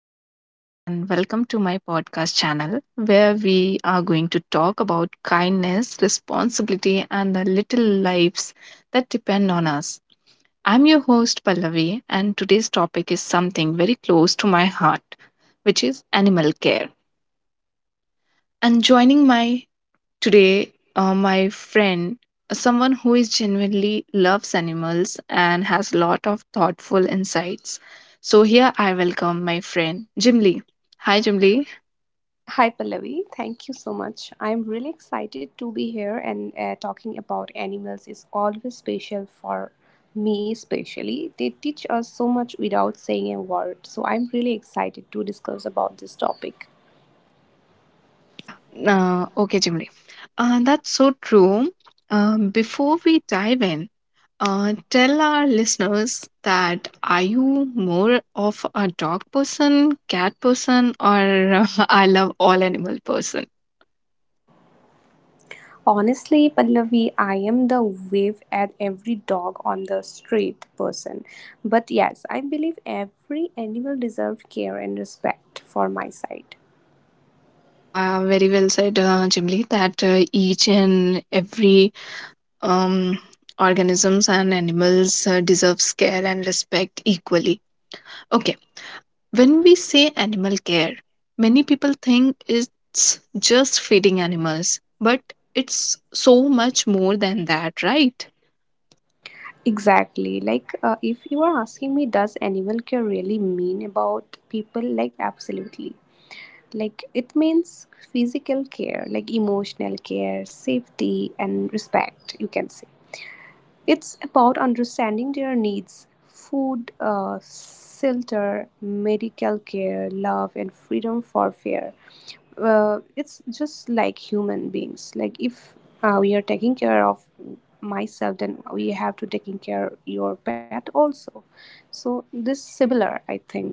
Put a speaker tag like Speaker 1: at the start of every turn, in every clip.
Speaker 1: everyone, and welcome to my podcast channel where we are going to talk about kindness, responsibility, and the little lives that depend on us. I'm your host, Pallavi, and today's topic is something very close to my heart, which is animal care. And joining my Today, my friend, someone who is genuinely loves animals and has lot of thoughtful insights. So here I welcome my friend Jim. Hi, Jim.
Speaker 2: Hi Pallavi, thank you so much. I'm really excited to be here and talking about animals is always special for me especially. They teach us so much without saying a word. So I'm really excited to discuss about this topic.
Speaker 1: Yeah. Okay, Jim Lee. That's so true. Before we dive in, tell our listeners, that are you more of a dog person, cat person, or I love all animal person?
Speaker 2: Honestly, Pallavi, I am the wave at every dog on the street person. But yes, I believe every animal deserves care and respect for my side.
Speaker 1: Yeah, very well said, Jimli, that each and every um, organisms and animals deserves care and respect equally. Okay, when we say animal care, many people think it's just feeding animals, but it's so much more than that, right?
Speaker 2: Exactly. If you are asking me, does animal care really mean about people? Like, absolutely. Like, it means physical care, like emotional care, safety, and respect, you can say. It's about understanding their needs: food, shelter, medical care, love, and freedom for fear. It's just like human beings. Like if we are taking care of myself, then we have to taking care your pet also. So this similar, I think.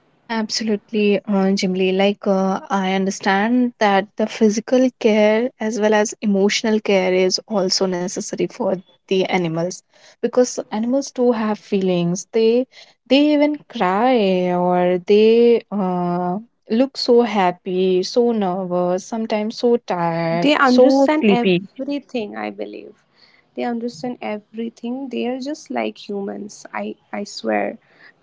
Speaker 1: Yeah, absolutely, Jimli. Like, I understand that the physical care as well as emotional care is also necessary for the animals, because
Speaker 2: Yes,
Speaker 1: animals too have feelings. They even cry, or they look so happy, so nervous, sometimes so tired,
Speaker 2: they
Speaker 1: so
Speaker 2: understand
Speaker 1: sleepy.
Speaker 2: everything, I believe. They understand everything. They are just like humans, I swear.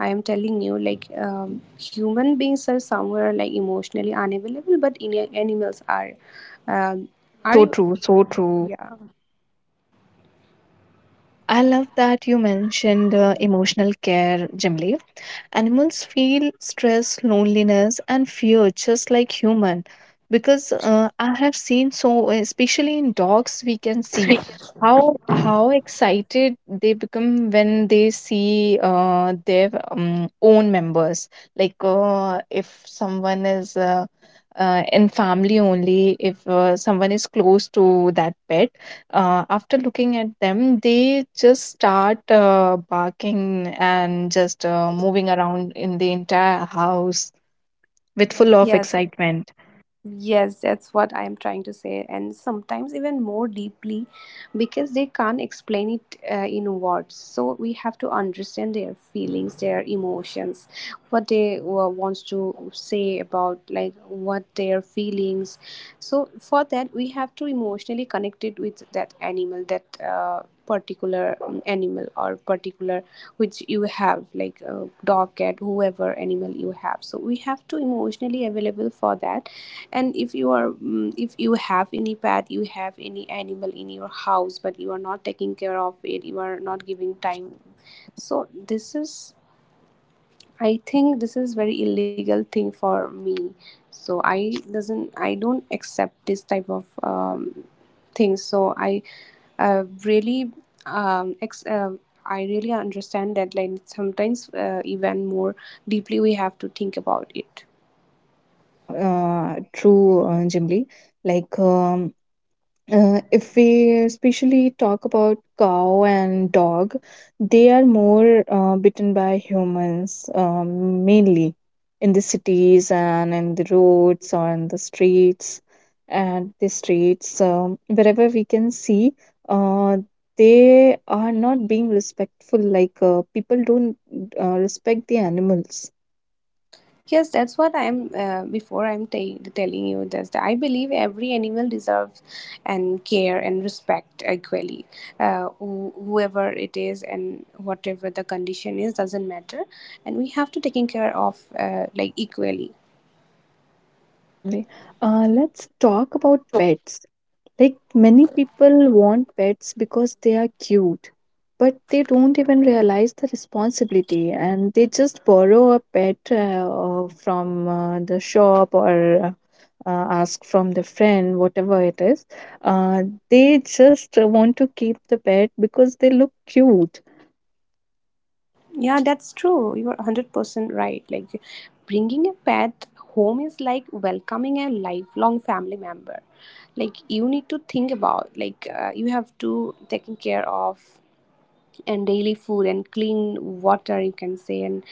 Speaker 2: I am telling you, like human beings are somewhere like emotionally unavailable, but in, animals um,
Speaker 1: Yeah, it's
Speaker 2: are
Speaker 1: so
Speaker 2: you
Speaker 1: true, so true.
Speaker 2: yeah.
Speaker 1: Yeah, I love that you mentioned emotional care, Jimli. Animals feel stress, loneliness, and fear just like human. Because I have seen, so especially in dogs, we can see how excited they become when they see their own members. Like if someone is in family only, if someone is close to that pet, after looking at them, they just start barking and just moving around in the entire house with full of
Speaker 2: Yes.
Speaker 1: excitement.
Speaker 2: Yes, that's what I am trying to say, and sometimes even more deeply because they can't explain it in words. So we have to understand their feelings, their emotions, what they wants to say about like what their feelings. So for that, we have to emotionally connect it with that animal, that particular animal or particular which you have, like dog, cat, whoever animal you have. So we have to emotionally available for that. And if you are if you have any pet, you have any animal in your house but you are not taking care of it, you are not giving time, so this is, I think this is very illegal thing for me. So I don't accept this type of things so I really ex- I really understand that, like, sometimes even more deeply we have to think about it.
Speaker 1: Yeah, true, Jimli. Like, if we especially talk about cow and dog, they are more bitten by humans, mainly in the cities and in the roads or in the streets, and the streets, wherever we can see, uh, they are not being respectful, like people don't respect the animals.
Speaker 2: Yes, that's what I'm telling you this. I believe every animal deserves and care and respect equally. Whoever it is and whatever the condition is doesn't matter, and we have to taking care of like equally.
Speaker 1: Yeah, Jimli. Let's talk about pets. Like, many people want pets because they are cute, but they don't even realize the responsibility, and they just borrow a pet, or from the shop, or ask from the friend, whatever it is. Uh, they just want to keep the pet because they look cute.
Speaker 2: Yeah, that's true. You are 100% right. Like bringing a pet home is like welcoming a lifelong family member. Like, you need to think about, like, you have to taking care of, and daily food and clean water, you can say, and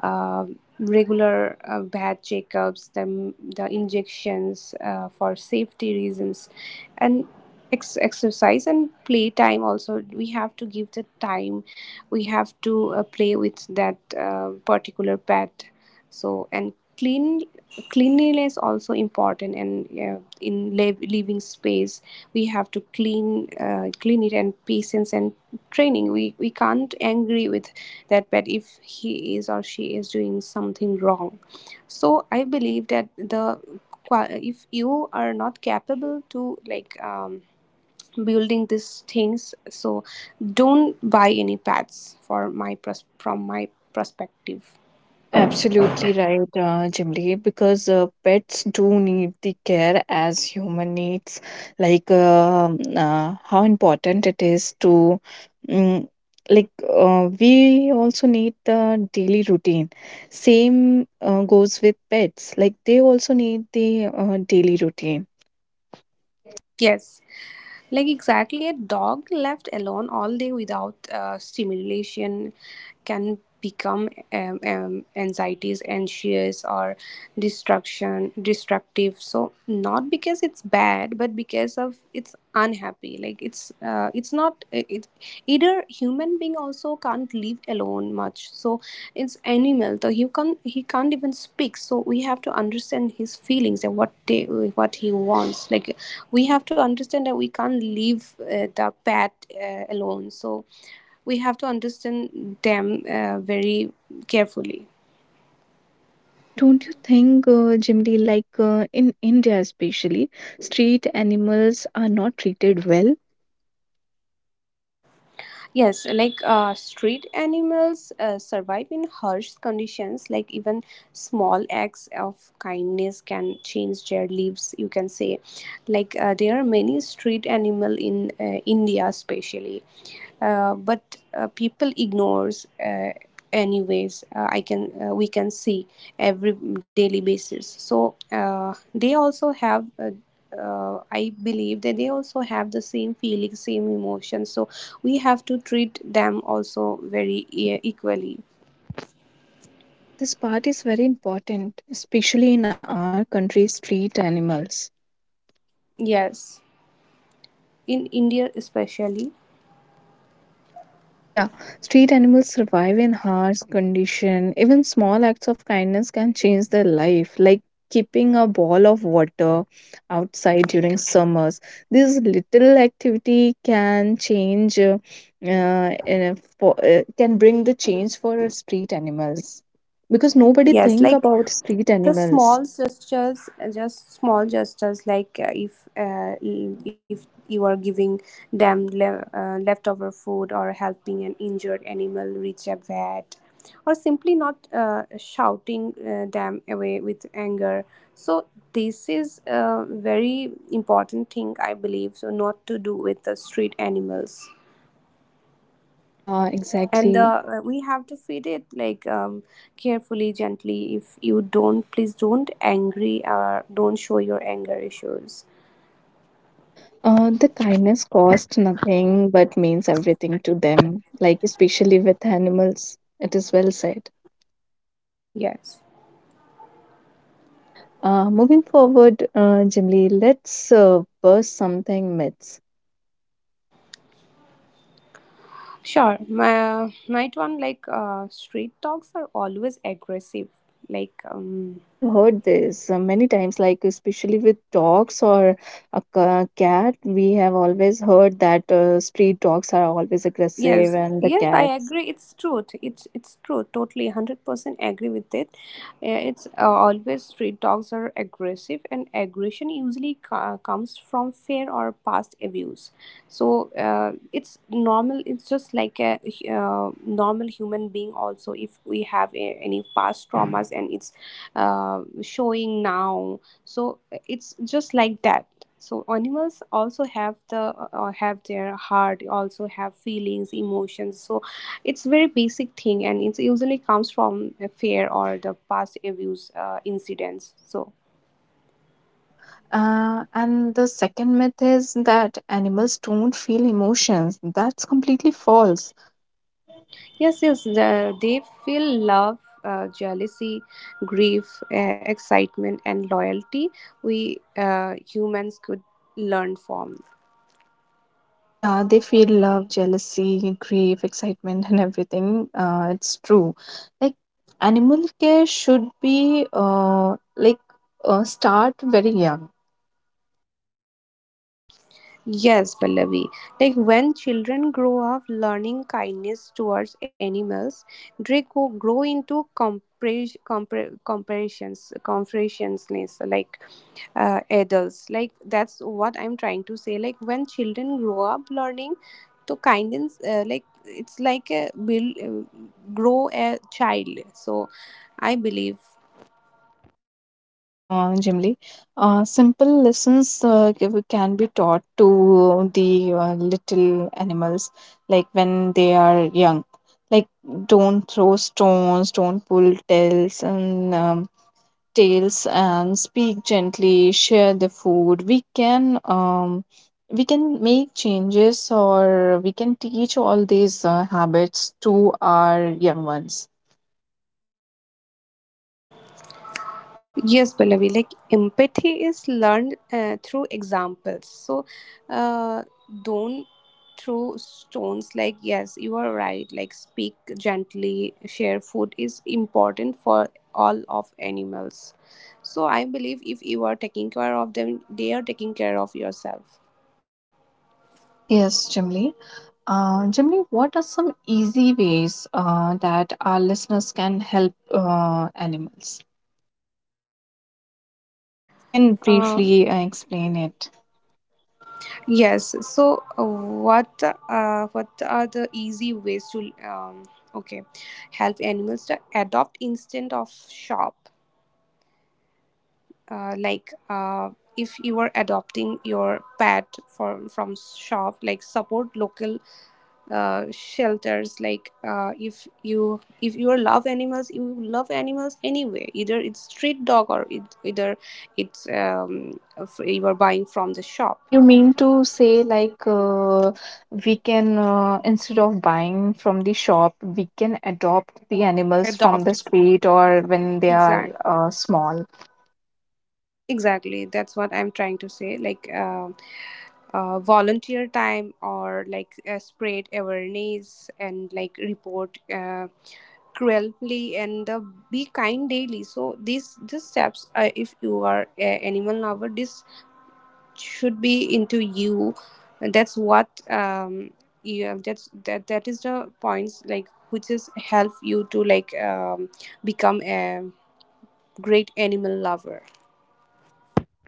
Speaker 2: uh, regular bad checkups, the injections for safety reasons, and exercise and play time also. We have to give the time. We have to play with that particular pet. So, and cleanliness is also important. And in living space we have to clean, it, and patience and training. We can't angry with that pet if he is or she is doing something wrong. So I believe that if you are not capable to, like, building these things, so don't buy any pets. For from my perspective.
Speaker 1: Absolutely right, Jimli, because pets do need the care as human needs. Like, how important it is to, mm like we also need the daily routine. Same goes with pets. Like, they also need the daily routine.
Speaker 2: Yes. Like, exactly, a dog left alone all day without stimulation can become anxieties, anxious, or destruction, destructive. So not because it's bad, but because of it's unhappy. Like, it's not it either. Human being also can't live alone much, so it's animal, so you can, he can't even speak, so we have to understand his feelings and what they, what he wants. Like, we have to understand that we can't leave the pet alone. So we have to understand them very carefully.
Speaker 1: Don't you think, Jimli, like in India especially, street animals are not treated well?
Speaker 2: Yes, like street animals survive in harsh conditions. Like, even small acts of kindness can change their lives, you can say. Like, there are many street animal in India, especially. But People ignores. Anyways, I can we can see every daily basis. So they also have, I believe that they also have the same feelings, same emotions. So we have to treat them also very equally.
Speaker 1: Yeah, this part is very important, especially in our country. Street animals.
Speaker 2: Yes, in India especially.
Speaker 1: Yeah, street animals survive in harsh condition. Even small acts of kindness can change their life, like keeping a ball of water outside during summers. This little activity can change, uh, in a- can bring the change for our street animals, because nobody
Speaker 2: Yes,
Speaker 1: think
Speaker 2: like
Speaker 1: about street
Speaker 2: the
Speaker 1: animals.
Speaker 2: small gestures, just small gestures, like, if you are giving them leftover food or helping an injured animal reach a vet, or simply not shouting them away with anger. So this is a very important thing, I believe, so not to do with the street animals.
Speaker 1: Yeah,
Speaker 2: And
Speaker 1: exactly.
Speaker 2: the, we have to feed it, like, carefully, gently. If you don't, please don't angry or don't show your anger issues.
Speaker 1: Yeah, the kindness costs nothing but means everything to them, like especially with animals. It is well said.
Speaker 2: Yes.
Speaker 1: Okay, moving forward, Jimli, let's burst something myths.
Speaker 2: Sure. My night one, like, street dogs are always aggressive, like,
Speaker 1: Ah, we have heard this many times, like especially with dogs or a cat. We have always heard that street dogs are always aggressive,
Speaker 2: Yes,
Speaker 1: and the
Speaker 2: yes, I
Speaker 1: cats.
Speaker 2: agree. It's truth. It's true. Totally, 100% agree with it. It's always, street dogs are aggressive, and aggression usually comes from fear or past abuse. So it's normal. It's just like a normal human being. Also, if we have a, any past traumas and it's showing now, so it's just like that. So animals also have the, have their heart, also have feelings, emotions. So it's very basic thing and it usually comes from a fear or the past abuse incidents, so.
Speaker 1: Yeah. And the second myth is that animals don't feel emotions. That's completely false.
Speaker 2: Yes, yes, they feel love, jealousy, grief, excitement, and loyalty. We humans could learn from.
Speaker 1: Yeah, they feel love, jealousy, grief, excitement, and everything. It's true. Like, animal care should be like start very young.
Speaker 2: Yes, Pallavi. Like, when children grow up learning kindness towards animals, they grow into compressions, compressionless, like, adults. Like, that's what I'm trying to say. Like, when children grow up learning to kindness, like, it's like a build, grow a child. So I believe.
Speaker 1: Yeah, generally, simple lessons can be taught to the little animals, like when they are young, like don't throw stones, don't pull tails, and and speak gently, share the food. We can make changes, or we can teach all these habits to our young ones.
Speaker 2: Yes, Pallavi, like empathy is learned through examples. So, uh, don't throw stones. Like, yes, you are right. Like, speak gently, share food is important for all of animals. So, I believe if you are taking care of them, they are taking care of yourself.
Speaker 1: Yes, Jimly. Jimmy, what are some easy ways that our listeners can help animals? Like, you can
Speaker 2: Uh,
Speaker 1: briefly explain it.
Speaker 2: yes, so what are the easy ways to um, okay, help animals to adopt instead of shop. uh, like uh, if you are adopting your pet from shop, like support local shelters. Like, if you are love animals, you love animals anyway, either it's street dog or it, either it's you are buying from the shop.
Speaker 1: Yeah, you mean to say, like we can, instead of buying from the shop, we can adopt the animals from the
Speaker 2: Adopt.
Speaker 1: street, or when they are
Speaker 2: exact
Speaker 1: small.
Speaker 2: exactly, that's what I'm trying to say. Like, volunteer time, or like, spread awareness, and like, report cruelty, and the, be kind daily. So these steps, if you are a animal lover, this should be into you. And that's what, yeah, that is the points, like, which is help you to, like, become a great animal lover.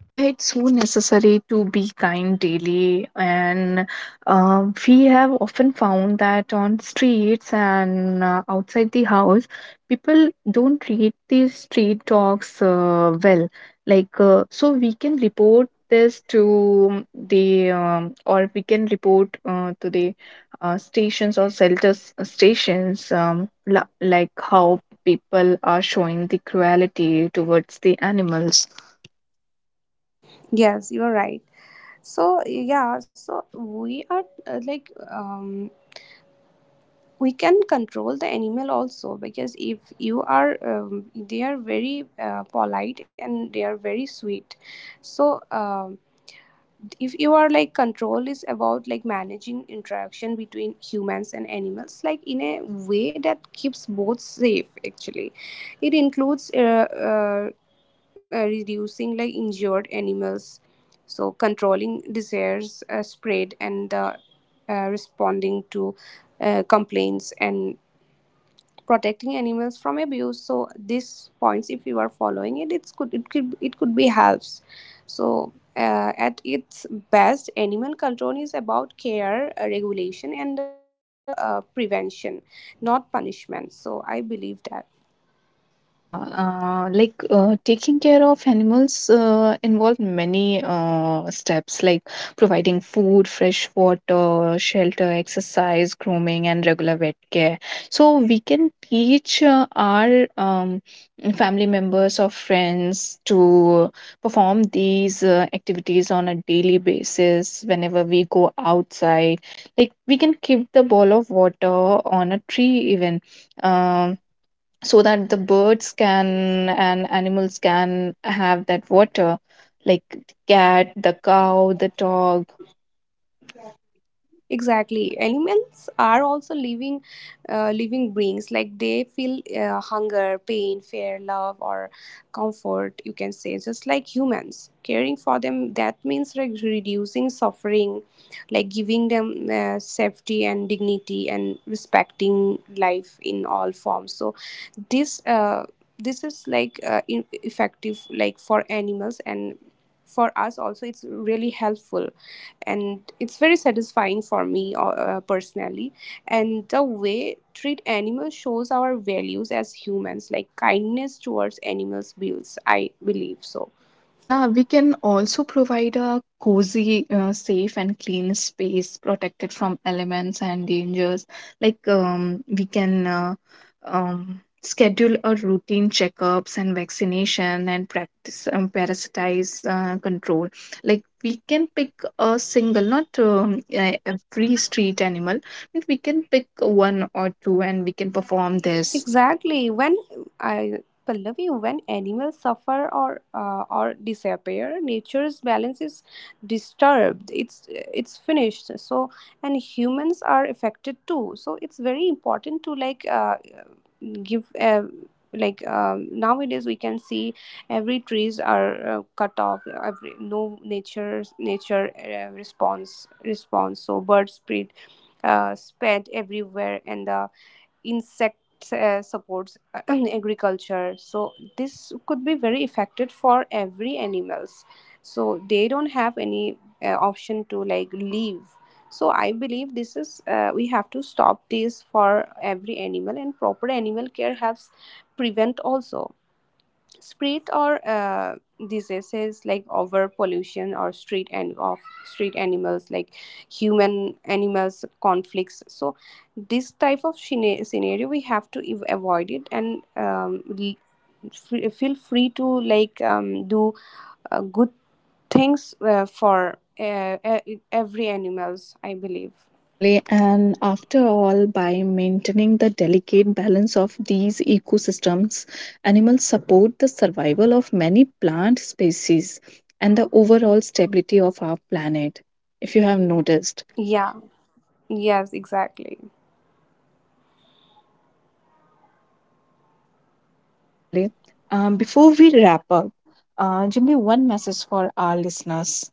Speaker 1: Yeah, it's so necessary to be kind daily. And we have often found that on streets and outside the house, people don't treat these street dogs well. Like, so we can report this to the, or we can report to the stations or shelters, stations, like, how people are showing the cruelty towards the animals.
Speaker 2: Yes, you are right. So yeah, so we are, uh, like um we can control the animal also, because if you are, they are very polite and they are very sweet. So if you are, like, control is about, like, managing interaction between humans and animals, like, in a way that keeps both safe actually. It includes reducing, like, injured animals, so controlling disease spread, and responding to complaints, and protecting animals from abuse. So these points, if you are following it, it could be helps. So at its best, animal control is about care, regulation, and prevention, not punishment. So I believe that.
Speaker 1: Yeah, like taking care of animals involve many steps, like providing food, fresh water, shelter, exercise, grooming, and regular vet care. So we can teach our family members or friends to perform these activities on a daily basis whenever we go outside. Like, we can keep the bowl of water on a tree even. Um, so that the birds can and animals can have that water, like cat, the cow, the dog.
Speaker 2: Exactly. Animals are also living beings. Like, they feel hunger, pain, fear, love, or comfort, you can say, just like humans. Caring for them, that means, like, reducing suffering, like giving them safety and dignity, and respecting life in all forms. So this this is like effective, like, for animals and for us also. It's really helpful, and it's very satisfying for me, personally. And the way treat animals shows our values as humans. Like, kindness towards animals builds, I believe so.
Speaker 1: Yeah, we can also provide a cozy, safe, and clean space protected from elements and dangers. Like, we can schedule a routine checkups and vaccination, and practice parasitize control. Like, we can pick a single, not every street animal, but we can pick one or two, and we can perform this.
Speaker 2: Exactly. When I Pallavi, when animals suffer or disappear, nature's balance is disturbed. It's finished. So, and humans are affected too. So it's very important to, like, give like nowadays we can see every trees are cut off. Every no nature response. So birds spread, everywhere, and the insects supports agriculture. So this could be very affected for every animals. So they don't have any option to, like, leave. So I believe this is, we have to stop this for every animal. And proper animal care helps prevent also spread or diseases, like over pollution or street and of street animals, like human animals conflicts. So this type of scenario we have to avoid it, and feel free to, like, do good things every animals, I believe.
Speaker 1: Yeah, Jimli. And after all, by maintaining the delicate balance of these ecosystems, animals support the survival of many plant species and the overall stability of our planet, if you have noticed.
Speaker 2: Yeah. Yes. Exactly.
Speaker 1: Okay, Jimli. Before we wrap up, Jimli, one message for our listeners.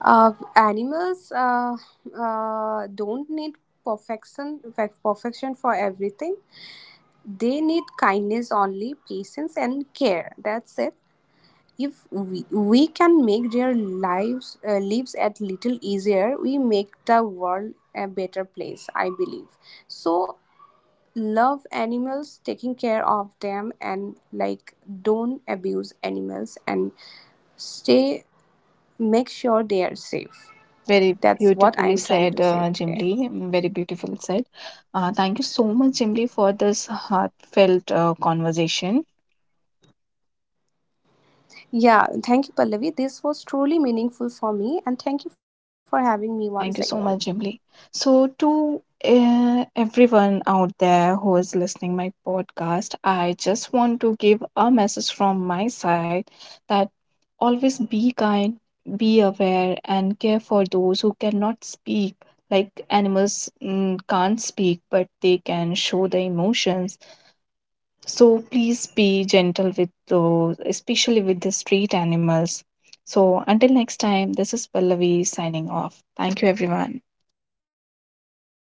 Speaker 2: Animals don't need perfection for everything. They need kindness only, patience and care. That's it. If we can make their lives, lives at little easier, we make the world a better place, I believe. So, love animals, taking care of them, and, like, don't abuse animals, and stay, make sure they are safe.
Speaker 1: Yeah, very
Speaker 2: That's what
Speaker 1: beautifully
Speaker 2: I'm trying
Speaker 1: said,
Speaker 2: to say today.
Speaker 1: Jimli. Very beautiful said. Thank you so much, Jimli, for this heartfelt conversation.
Speaker 2: Yeah, thank you, Pallavi. This was truly meaningful for me, and thank you for having me once
Speaker 1: Yeah,
Speaker 2: again.
Speaker 1: thank you so much, Jimli. So, to everyone out there who is listening my podcast, I just want to give a message from my side, that always be kind, be aware, and care for those who cannot speak. Like, animals can't speak, but they can show the emotions. So please be gentle with those, especially with the street animals. So until next time, this is Pallavi signing off. Thank you, everyone.